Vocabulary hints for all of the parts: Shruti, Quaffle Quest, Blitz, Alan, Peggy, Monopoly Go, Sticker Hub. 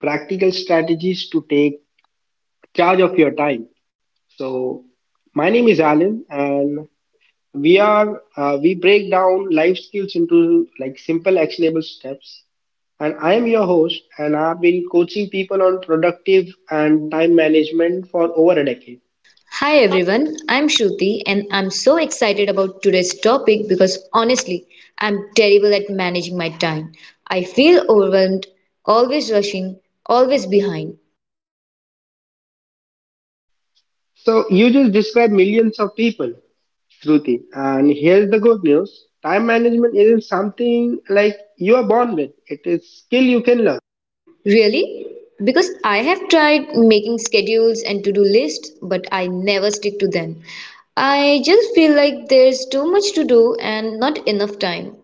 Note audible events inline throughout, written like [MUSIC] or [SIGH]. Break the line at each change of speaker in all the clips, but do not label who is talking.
Practical Strategies to Take Charge of Your Time. So, my name is Alan, and we break down life skills into like simple, actionable steps. And I am your host, and I've been coaching people on productive and time management for over a decade.
Hi everyone, I'm Shruti and I'm so excited about today's topic because honestly, I'm terrible at managing my time. I feel overwhelmed, always rushing, always behind.
So, you just describe millions of people, Shruti. And here's the good news: time management isn't something like you are born with. It is skill you can learn.
Really? Because I have tried making schedules and to do lists, but I never stick to them. I just feel like there's too much to do and not enough time.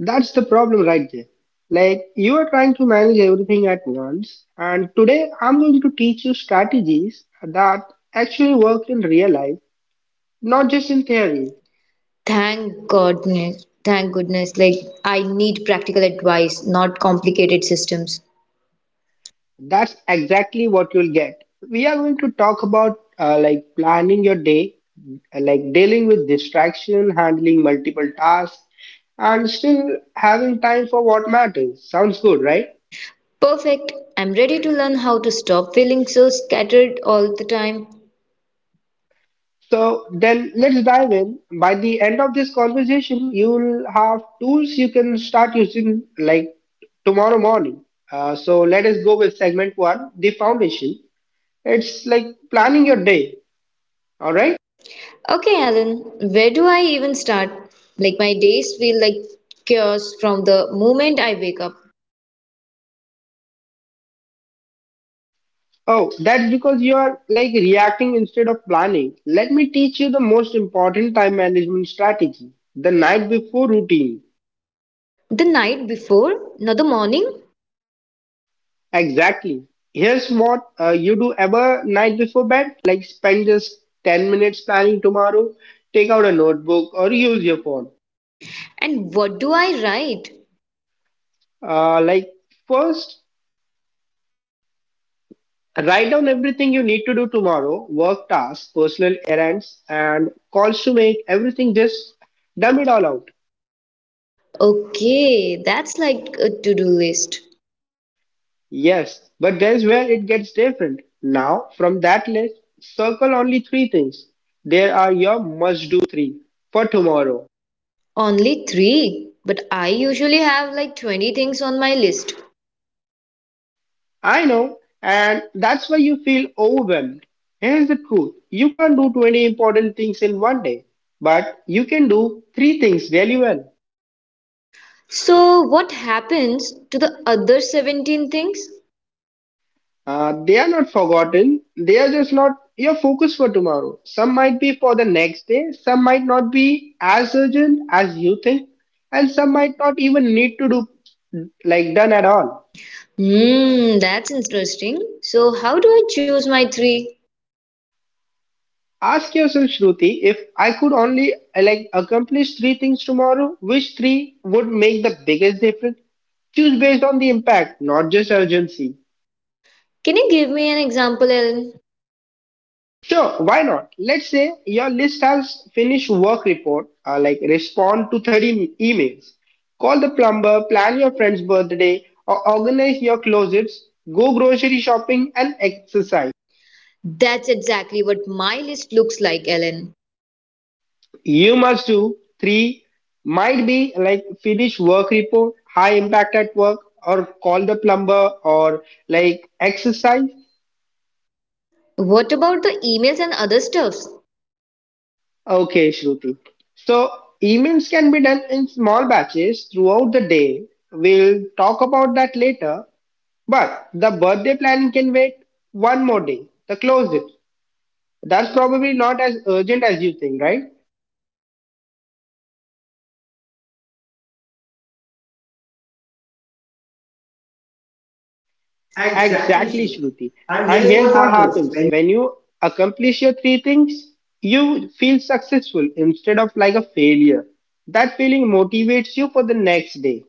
That's the problem right there. Like you are trying to manage everything at once, and today I'm going to teach you strategies that actually work in real life, not just in theory.
Thank goodness, thank goodness. I need practical advice, not complicated systems.
That's exactly what you'll get. We are going to talk about like planning your day, like dealing with distraction, handling multiple tasks, and still having time for what matters. Sounds good, right?
Perfect. I'm ready to learn how to stop feeling so scattered all the time.
So then let's dive in. By the end of this conversation, you'll have tools you can start using like tomorrow morning. So let us go with segment one, the foundation. It's like planning your day. All right.
Okay, Alan, where do I even start? Like, my days feel like chaos from the moment I wake up.
Oh, that's because you are like reacting instead of planning. Let me teach you the most important time management strategy, the night before routine.
The night before, not the morning.
Exactly. Here's what you do ever night before bed, like spend just 10 minutes planning tomorrow, take out a notebook or use your phone.
And what do I write?
Uh, like First, write down everything you need to do tomorrow, work tasks, personal errands and calls to make, everything just dumb it all out.
Okay, that's like a to do list.
Yes, but there's where it gets different. Now, from that list, circle only three things. There are your must do three for tomorrow.
Only three, but I usually have like 20 things on my list.
I know, and that's why you feel overwhelmed. Here's the truth you can't do 20 important things in one day, but you can do three things really well.
So, what happens to the other 17 things?
They are not forgotten, they are just not your focus for tomorrow. Some might be for the next day, some might not be as urgent as you think, and some might not even need to do like done at all.
That's interesting. So, how do I choose my three?
Ask yourself, Shruti, if I could only like accomplish three things tomorrow, which three would make the biggest difference? Choose based on the impact, not just urgency.
Can you give me an example, Ellen?
Sure, why not? Let's say your list has finished work report, like respond to 30 emails, call the plumber, plan your friend's birthday, or organize your closets, go grocery shopping and exercise.
That's exactly what my list looks like, Ellen.
You must do three might be like finish work report, high impact at work, or call the plumber, or like exercise.
What about the emails and other stuffs?
Okay, Shruti. So emails can be done in small batches throughout the day. We'll talk about that later. But the birthday planning can wait one more day. The close it. That's probably not as urgent as you think, right?
Exactly,
Exactly,
Shruti.
Shruti.
And
And
here's
here's
what
what
happens
happens
when
when you accomplish your three things, you feel successful instead of like a failure. That feeling motivates you for the next day.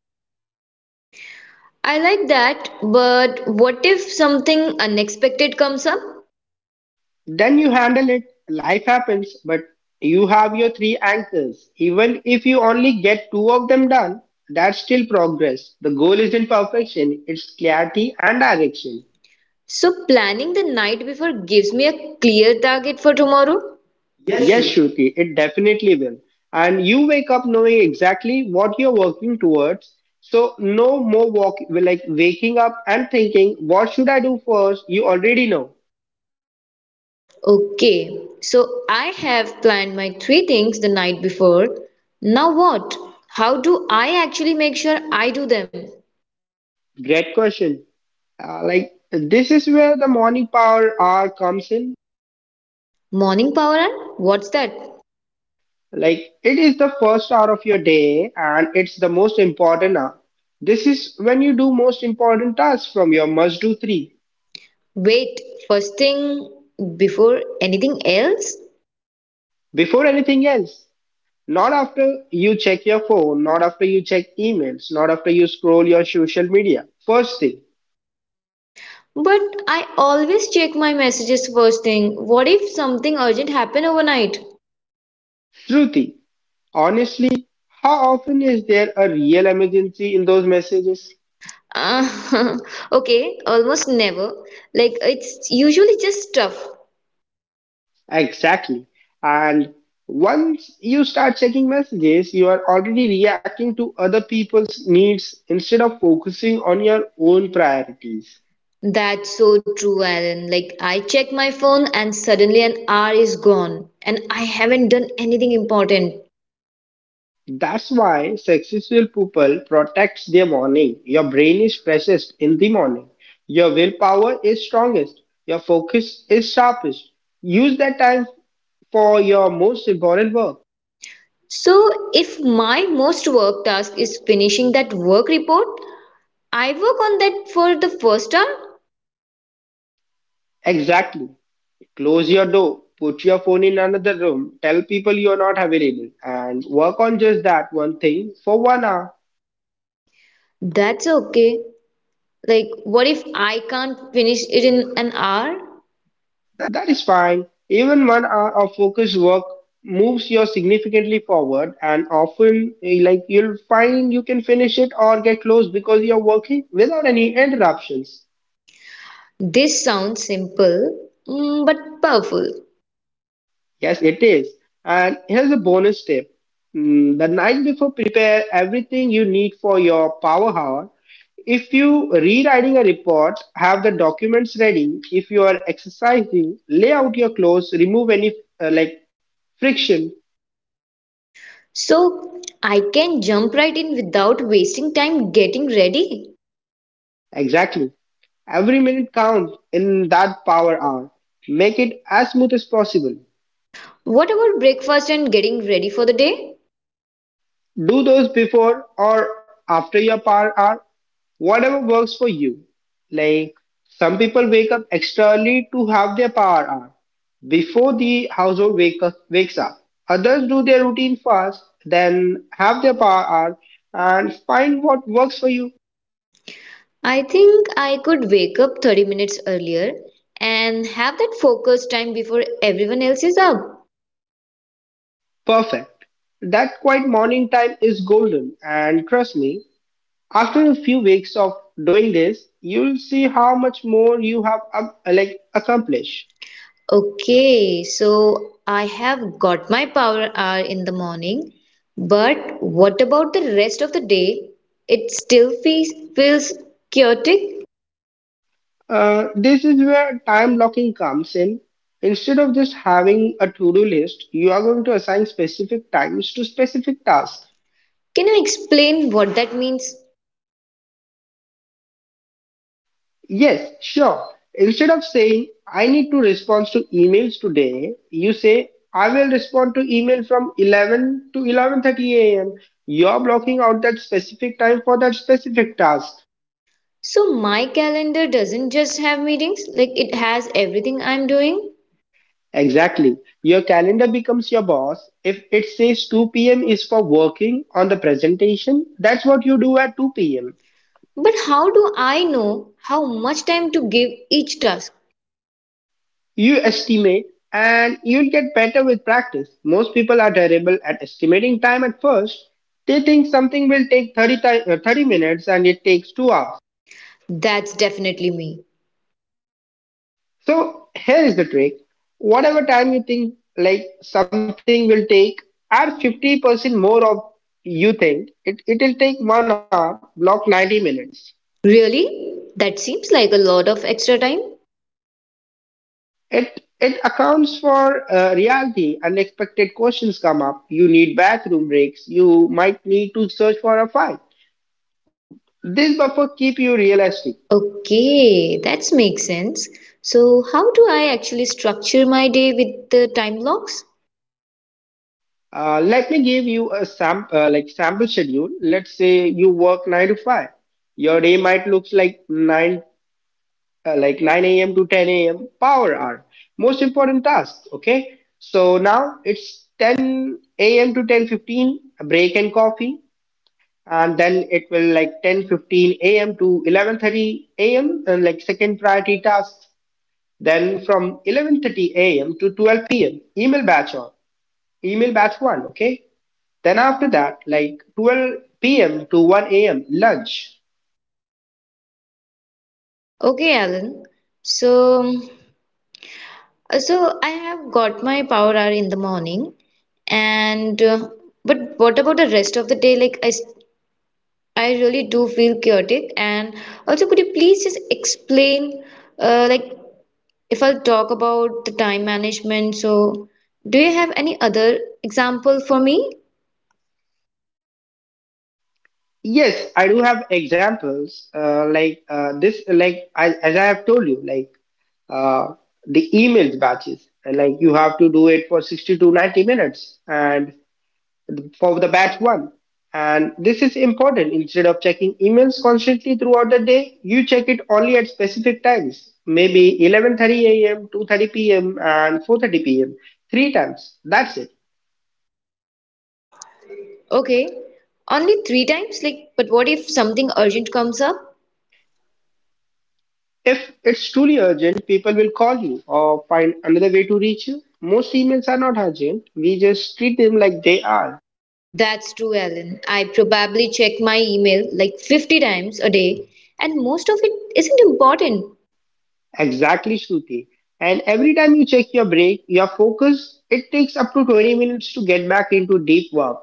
I like that, but what if something unexpected comes up?
Then you handle it. Life happens, but you have your three anchors. Even if you only get two of them done, that's still progress. The goal isn't perfection, it's clarity and direction.
So, planning the night before gives me a clear target for tomorrow. Yes,
Yes,
Shruti.
Shruti, it definitely will. And you wake up knowing exactly what you're working towards. So no more walk like waking up and thinking, what should I do first? You already know.
Okay, so I have planned my three things the night before. Now what? How do I actually make sure I do them?
Great question. This is where the morning power hour comes in.
Morning power hour? What's that?
Like it is the first hour of your day and it's the most important hour. This is when you do most important tasks from your must do three
Wait, first thing before anything else?
before anything else. Not after you check your phone, not after you check emails, not after you scroll your social media. First thing,
But I always check my messages first thing. What if something urgent happened overnight?
Shruti, honestly, how often is there a real emergency in those messages?
Uh, [LAUGHS] okay, almost never. Like it's usually just stuff.
Exactly. And once you start checking messages, you are already reacting to other people's needs instead of focusing on your own priorities.
That's so true, Aaron. Like, I check my phone and suddenly an hour is gone, and I haven't done anything important.
That's why successful people protects their morning. Your brain is freshest in the morning. Your willpower is strongest. Your focus is sharpest. Use that time for your most important work.
So, if my most work task is finishing that work report, I work on that for the first hour.
Exactly. Close your door. Put your phone in another room. Tell people you're not available and work on just that one thing for 1 hour.
That's okay. Like, what if I can't finish it in an hour?
That is fine. Even 1 hour of focused work moves you significantly forward, and often, like you'll find you can finish it or get close because you're working without any interruptions.
This sounds simple, but powerful.
Yes, it is. And here's a bonus tip. The night before, prepare everything you need for your power hour. If you rewriting a report, have the documents ready. If you are exercising, lay out your clothes, remove any like friction.
So, I can jump right in without wasting time getting ready.
Exactly. Every minute counts in that power hour. Make it as smooth as possible.
What about breakfast and getting ready for the day?
Do those before or after your power hour, whatever works for you. Like some people wake up extra early to have their power hour before the household wakes up. Others do their routine first, then have their power hour and find what works for you.
I think I could wake up 30 minutes earlier and have that focus time before everyone else is up.
Perfect. That quiet morning time is golden, and trust me, after a few weeks of doing this, you'll see how much more you have like accomplished.
Okay, so I have got my power hour in the morning, but what about the rest of the day? It still feels chaotic.
This is where time blocking comes in. Instead of just having a to-do list, you are going to assign specific times to specific tasks.
Can you explain what that means?
Yes, sure. Instead of saying I need to respond to emails today, you say I will respond to email from 11 to 11:30 a.m. You're blocking out that specific time for that specific task.
So my calendar doesn't just have meetings, like it has everything I'm doing.
Exactly. Your calendar becomes your boss. If it says 2 p.m. is for working on the presentation, that's what you do at 2 p.m.
But how do I know how much time to give each task?
You estimate and you'll get better with practice. Most people are terrible at estimating time at first. They think something will take 30 minutes and it takes 2 hours.
That's definitely me.
So here is the trick. Whatever time you think like something will take, add 50% more of you think. It'll take 1 hour, block 90 minutes.
Really? That seems like a lot of extra time.
It accounts for reality. Unexpected questions come up. You need bathroom breaks. You might need to search for a file. This buffer keep you realistic.
Okay, that makes sense. So, how do I actually structure my day with the time blocks?
Let me give you a sample schedule. Let's say you work 9 to 5. Your day might look like 9 a.m. to 10 a.m. Power hour. Most important tasks. Okay. So now it's 10 a.m. to 10:15. Break and coffee. And then it will like 10:15 a.m. to 11:30 a.m. and like second priority tasks. Then from 11:30 a.m. to 12 p.m. email batch on email batch one. Okay. Then after that, like 12 p.m. to 1 a.m. lunch.
Okay, Alan. So, so I have got my power hour in the morning, and but what about the rest of the day? I really do feel chaotic. And also, could you please just explain, uh, like, if I'll talk about the time management, so do you have any other example for me?
Yes, I do have examples. This, as I have told you, uh, the emails batches. And like you have to do it for 60 to 90 minutes, and for the batch one. And this is important. Instead of checking emails constantly throughout the day, you check it only at specific times, maybe 11:30 a.m., 2:30 p.m., and 4:30 p.m. Three times. That's it.
Okay, only three times? Like, but what if something urgent comes up?
If it's truly urgent, people will call you or find another way to reach you. Most emails are not urgent. We just treat them like they are.
That's true, Alan. I probably check my email like 50 times a day, and most of it isn't important.
Exactly, Shruti. And every time you check your break, your focus, it takes up to 20 minutes to get back into deep work.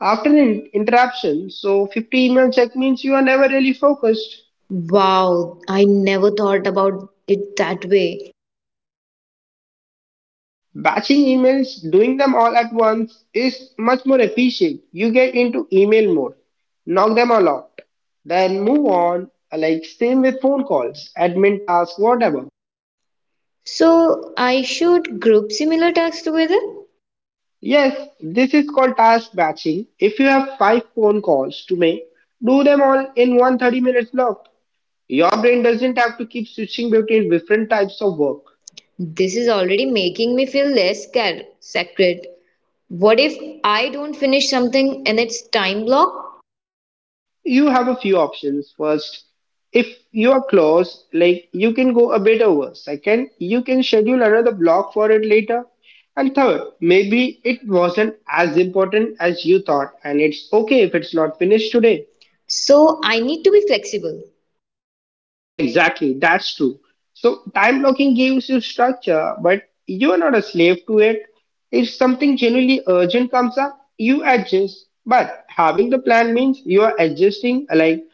After an interruption, so 50 email check means you are never really focused.
Wow, I never thought about it that way.
Batching emails, doing them all at once, is much more efficient. You get into email mode, knock them all out, then move on. Like same with phone calls, admin tasks, whatever.
So I should group similar tasks together?
Yes, this is called task batching. If you have five phone calls to make, do them all in one 30 minutes block. Your brain doesn't have to keep switching between different types of work.
This is already making me feel less sacred. What if I don't finish something and it's time block?
You have a few options. First, if you are close, like you can go a bit over. Second, you can schedule another block for it later. And third, maybe it wasn't as important as you thought, and it's okay if it's not finished today.
So I need to be flexible.
Exactly, that's true. So time blocking gives you structure, but you are not a slave to it. If something genuinely urgent comes up, you adjust. But having the plan means you are adjusting like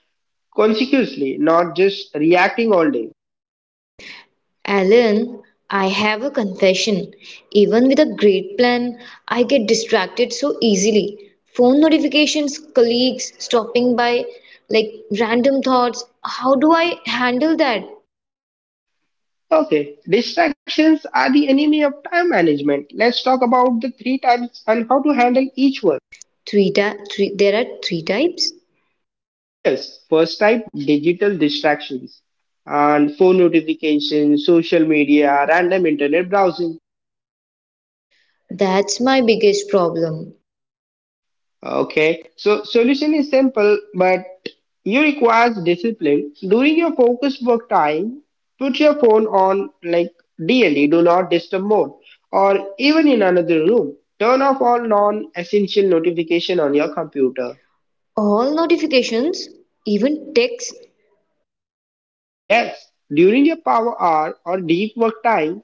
consequently, not just reacting all day.
Alan, I have a confession. Even with a great plan, I get distracted so easily. Phone notifications, colleagues stopping by, like random thoughts. How do I handle that?
Okay, distractions are the enemy of time management. Let's talk about the three types and how to handle each one.
Three, ta- three there are three types.
Yes, first type digital distractions and phone notifications, social media, random internet browsing.
That's my biggest problem.
Okay, so solution is simple, but you requires discipline. During your focus work time, put your phone on like DLE, do not disturb mode, or even in another room. Turn off all non-essential notification on your computer.
All notifications, even texts,
Yes, during your power hour or deep work time,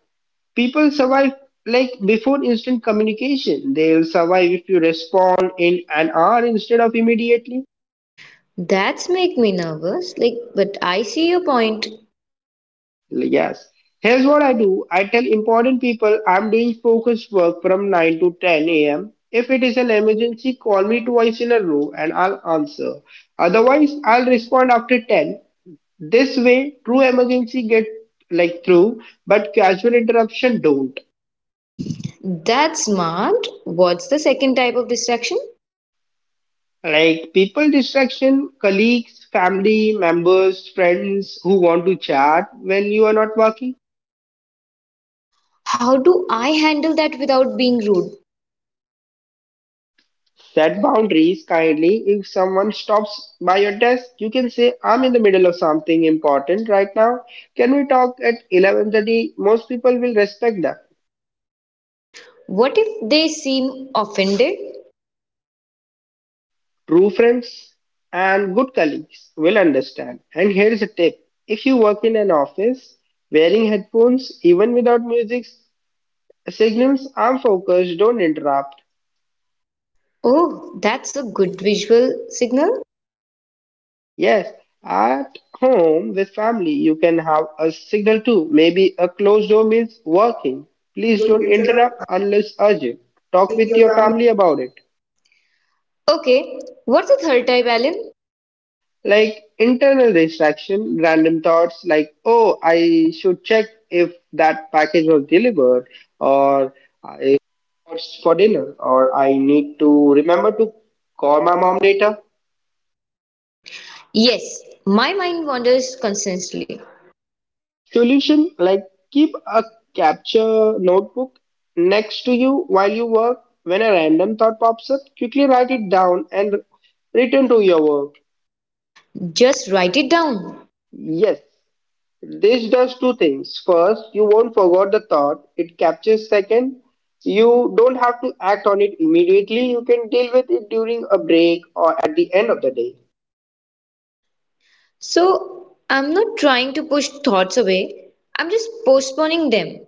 people survive like before instant communication. They'll survive if you respond in an hour instead of immediately.
that's make me nervous. Like, but I see your point.
Yes. Here's what I do. I tell important people I'm doing focused work from 9 to 10 a.m. If it is an emergency, call me twice in a row and I'll answer. Otherwise, I'll respond after 10. This way, true emergency get through, but casual interruption don't.
That's smart. What's the second type of distraction?
People distraction, colleagues, family members, friends who want to chat when you are not working.
How do I handle that without being rude?
Set boundaries kindly. If someone stops by your desk, you can say, I'm in the middle of something important right now. Can we talk at 11:30?" Most people will respect that.
What if they seem offended?
True friends and good colleagues will understand. And here's a tip. If you work in an office, wearing headphones, even without music, signals, I'm focused, don't interrupt.
Oh, that's a good visual signal.
Yes, at home with family, you can have a signal too. Maybe a closed door means working. Please don't interrupt unless urgent. Talk with your family about it.
Okay, what's the third type, Alan?
Internal distraction, random thoughts like, oh, I should check if that package was delivered, or I what's for dinner, or I need to remember to call my mom later.
Yes, my mind wanders constantly.
Solution, keep a capture notebook next to you while you work. When a random thought pops up, quickly write it down and return to your work.
Just write it down.
Yes, this does two things. First, you won't forget the thought, it captures. Second, you don't have to act on it immediately. You can deal with it during a break or at the end of the day.
So I'm not trying to push thoughts away, I'm just postponing them.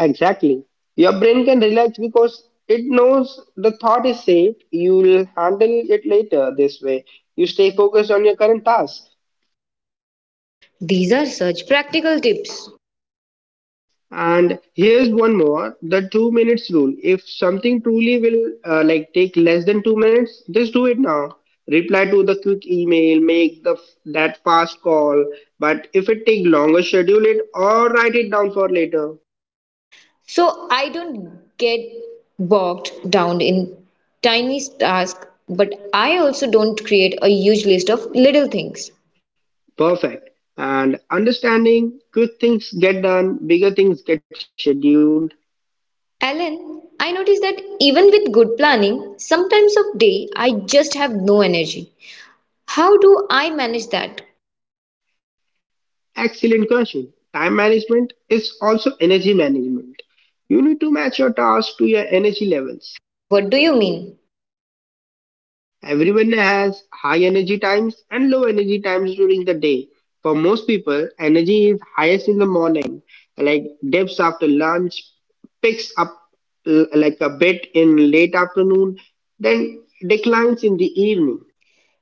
Exactly. Your brain can relax because it knows the thought is safe. You'll handle it later this way. You stay focused on your current task.
These are such practical tips.
And here's one more, the 2 minutes rule. If something truly will take less than 2 minutes, just do it now. Reply to the quick email, make the that fast call. But if it take longer, schedule it or write it down for later.
So I don't get bogged down in tiny tasks, but I also don't create a huge list of little things.
Perfect. And understanding quick things get done, bigger things get scheduled.
Ellen, I notice that even with good planning, sometimes of day I just have no energy. How do I manage that?
Excellent question. Time management is also energy management. You need to match your tasks to your energy levels.
What do you mean?
Everyone has high energy times and low energy times during the day. For most people, energy is highest in the morning, like dips after lunch, picks up a bit in late afternoon, then declines in the evening.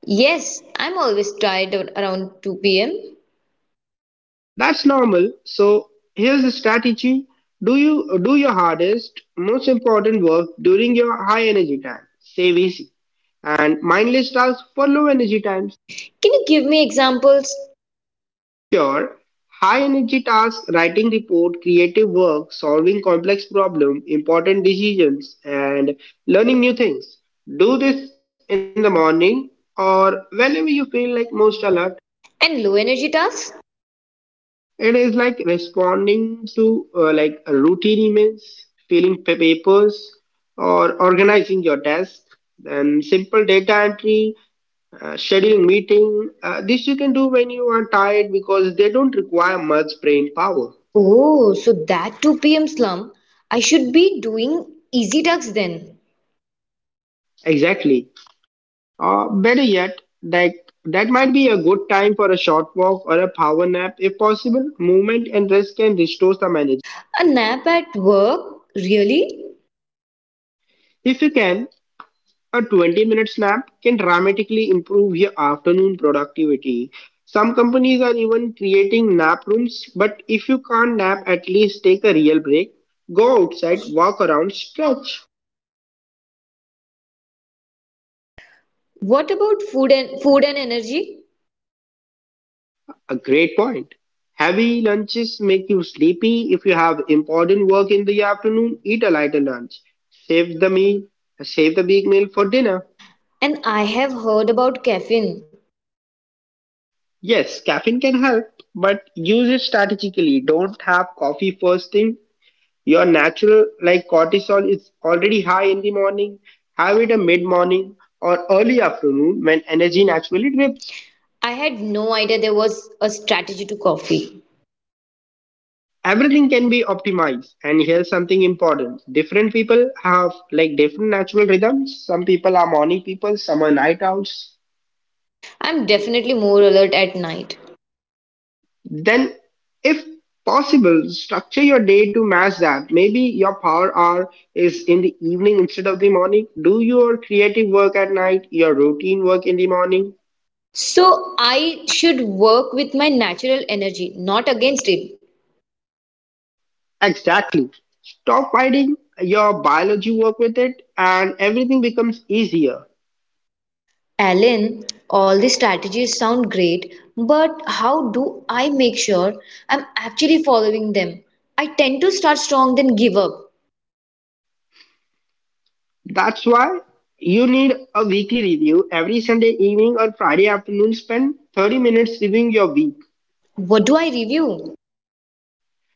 Yes, I'm always tired around 2 pm.
That's normal. So here's the strategy. Do you do your hardest, most important work during your high energy time. Save easy and mindless tasks for low energy times.
Can you give me examples?
Sure, high energy tasks, writing report, creative work, solving complex problem, important decisions, and learning new things. Do this in the morning or whenever you feel most alert.
And low energy tasks?
It is like responding to routine emails, papers, or organizing your desk. Then simple data entry, scheduling meeting. This you can do when you are tired because they don't require much brain power.
Oh, so that 2 p.m. slump. I should be doing easy tasks then.
Exactly. Better yet, like that might be a good time for a short walk or a power nap if possible. Movement and rest can restore some energy.
A nap at work? Really?
If you can, a 20-minute nap can dramatically improve your afternoon productivity. Some companies are even creating nap rooms, but if you can't nap, at least take a real break. Go outside,
Workouts?
walk around, stretch.
What about food and energy?
A great point. Heavy lunches make you sleepy. If you have important work in the afternoon, eat a lighter lunch. Save the meal, save the big meal for dinner.
And I have heard about caffeine.
Yes, caffeine can help, but use it strategically. Don't have coffee first thing. Your natural cortisol is already high in the morning. Have it a mid morning or early afternoon when energy naturally dips.
I had no idea there was a strategy to coffee.
Everything can be optimized. And here's something important. Different people have different natural rhythms. Some people are morning people, some are night owls.
I'm definitely more alert at night.
Then if possible, structure your day to match that. Maybe your power hour is in the evening instead of the morning. Do your creative work at night, your routine work in the morning.
So I should work with my natural energy, not against it.
Exactly. Stop fighting your biology, work with it, and everything becomes easier.
Alan, all these strategies sound great, but how do I make sure I'm actually following them? I tend to start strong, then give up.
That's why you need a weekly review every Sunday evening or Friday afternoon. Spend 30 minutes reviewing your week.
What do I review?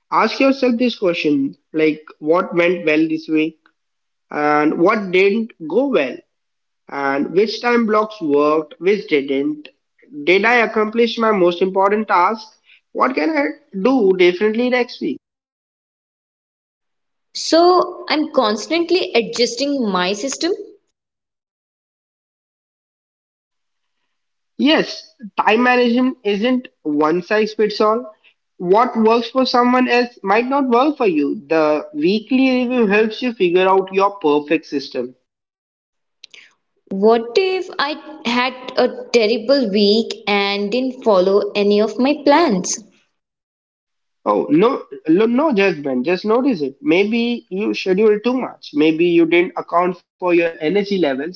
Ask yourself this question, what went well this week and what didn't go well and which time blocks worked, which didn't. Did I accomplish my most important task? What can I do differently next week?
So I'm constantly adjusting my system.
Yes, time management isn't one size fits all. What works for someone else might not work for you. The weekly review helps you figure out your perfect system.
What if I had a terrible week and didn't follow any of my plans?
Oh, no, no, no judgment, just notice it. Maybe you schedule too much.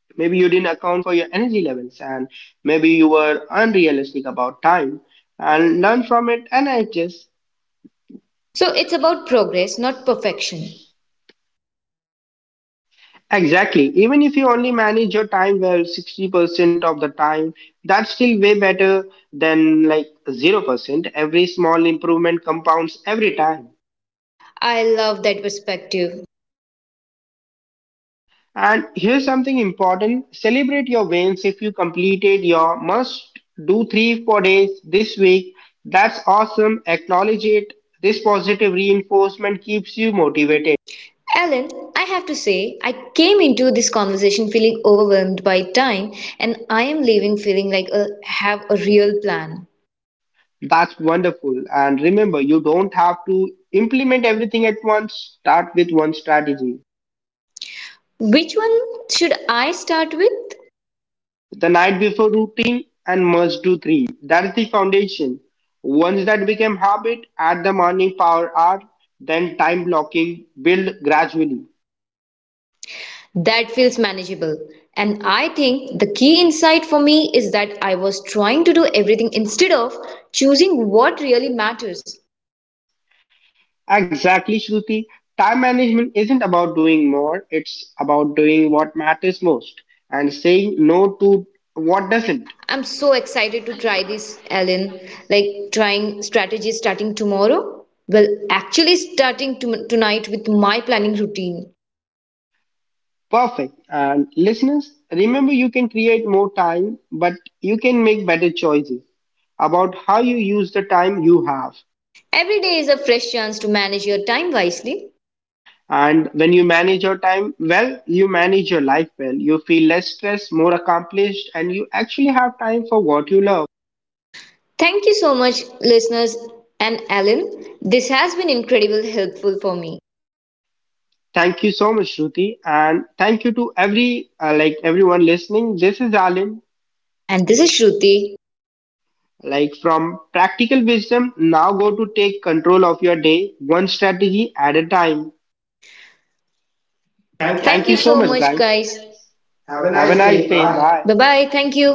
Maybe you didn't account for your energy levels, and maybe you were unrealistic about time. And learn from it and adjust.
So it's about progress, not perfection.
Exactly. Even if you only manage your time well 60% of the time, that's still way better than 0%. Every small improvement compounds every time.
I love that perspective.
And here's something important, celebrate your wins if you completed your must do three, 4 days this week. That's awesome. Acknowledge it. This positive reinforcement keeps you motivated.
Ellen, I have to say, I came into this conversation feeling overwhelmed by time, and I am leaving feeling like I have a real plan.
That's wonderful. And remember, you don't have to implement everything at once. Start with one strategy,
Which one should I start with?
the night before routine and must do three. That is the foundation. Once that became habit, add the morning power hour, then time blocking, build gradually.
That feels manageable. And I think the key insight for me is that I was trying to do everything instead of choosing what really matters.
Exactly, Shruti. Time management isn't about doing more, it's about doing what matters most and saying no to what doesn't.
I'm so excited to try this, Ellen. Like trying strategies starting tomorrow? Well, actually tonight with my planning routine.
Perfect. And listeners, remember you can create more time, but you can make better choices about how you use the time you have.
Every day is a fresh chance to manage your time wisely.
And when you manage your time well, you manage your life well. You feel less stressed, more accomplished, and you actually have time for what you love.
Thank you so much, listeners and Alan. This has been incredibly helpful for me.
Thank you so much, Shruti, and thank you to every everyone listening. This is Alan.
And this is Shruti.
From practical wisdom, now go to take control of your day, one strategy at a time.
Thank you. Thank
Thank
you
you so
so
much,
much,
guys.
guys. Have a
Have a
nice
nice
day.
day.
Bye.
Bye.
Bye bye. Thank you.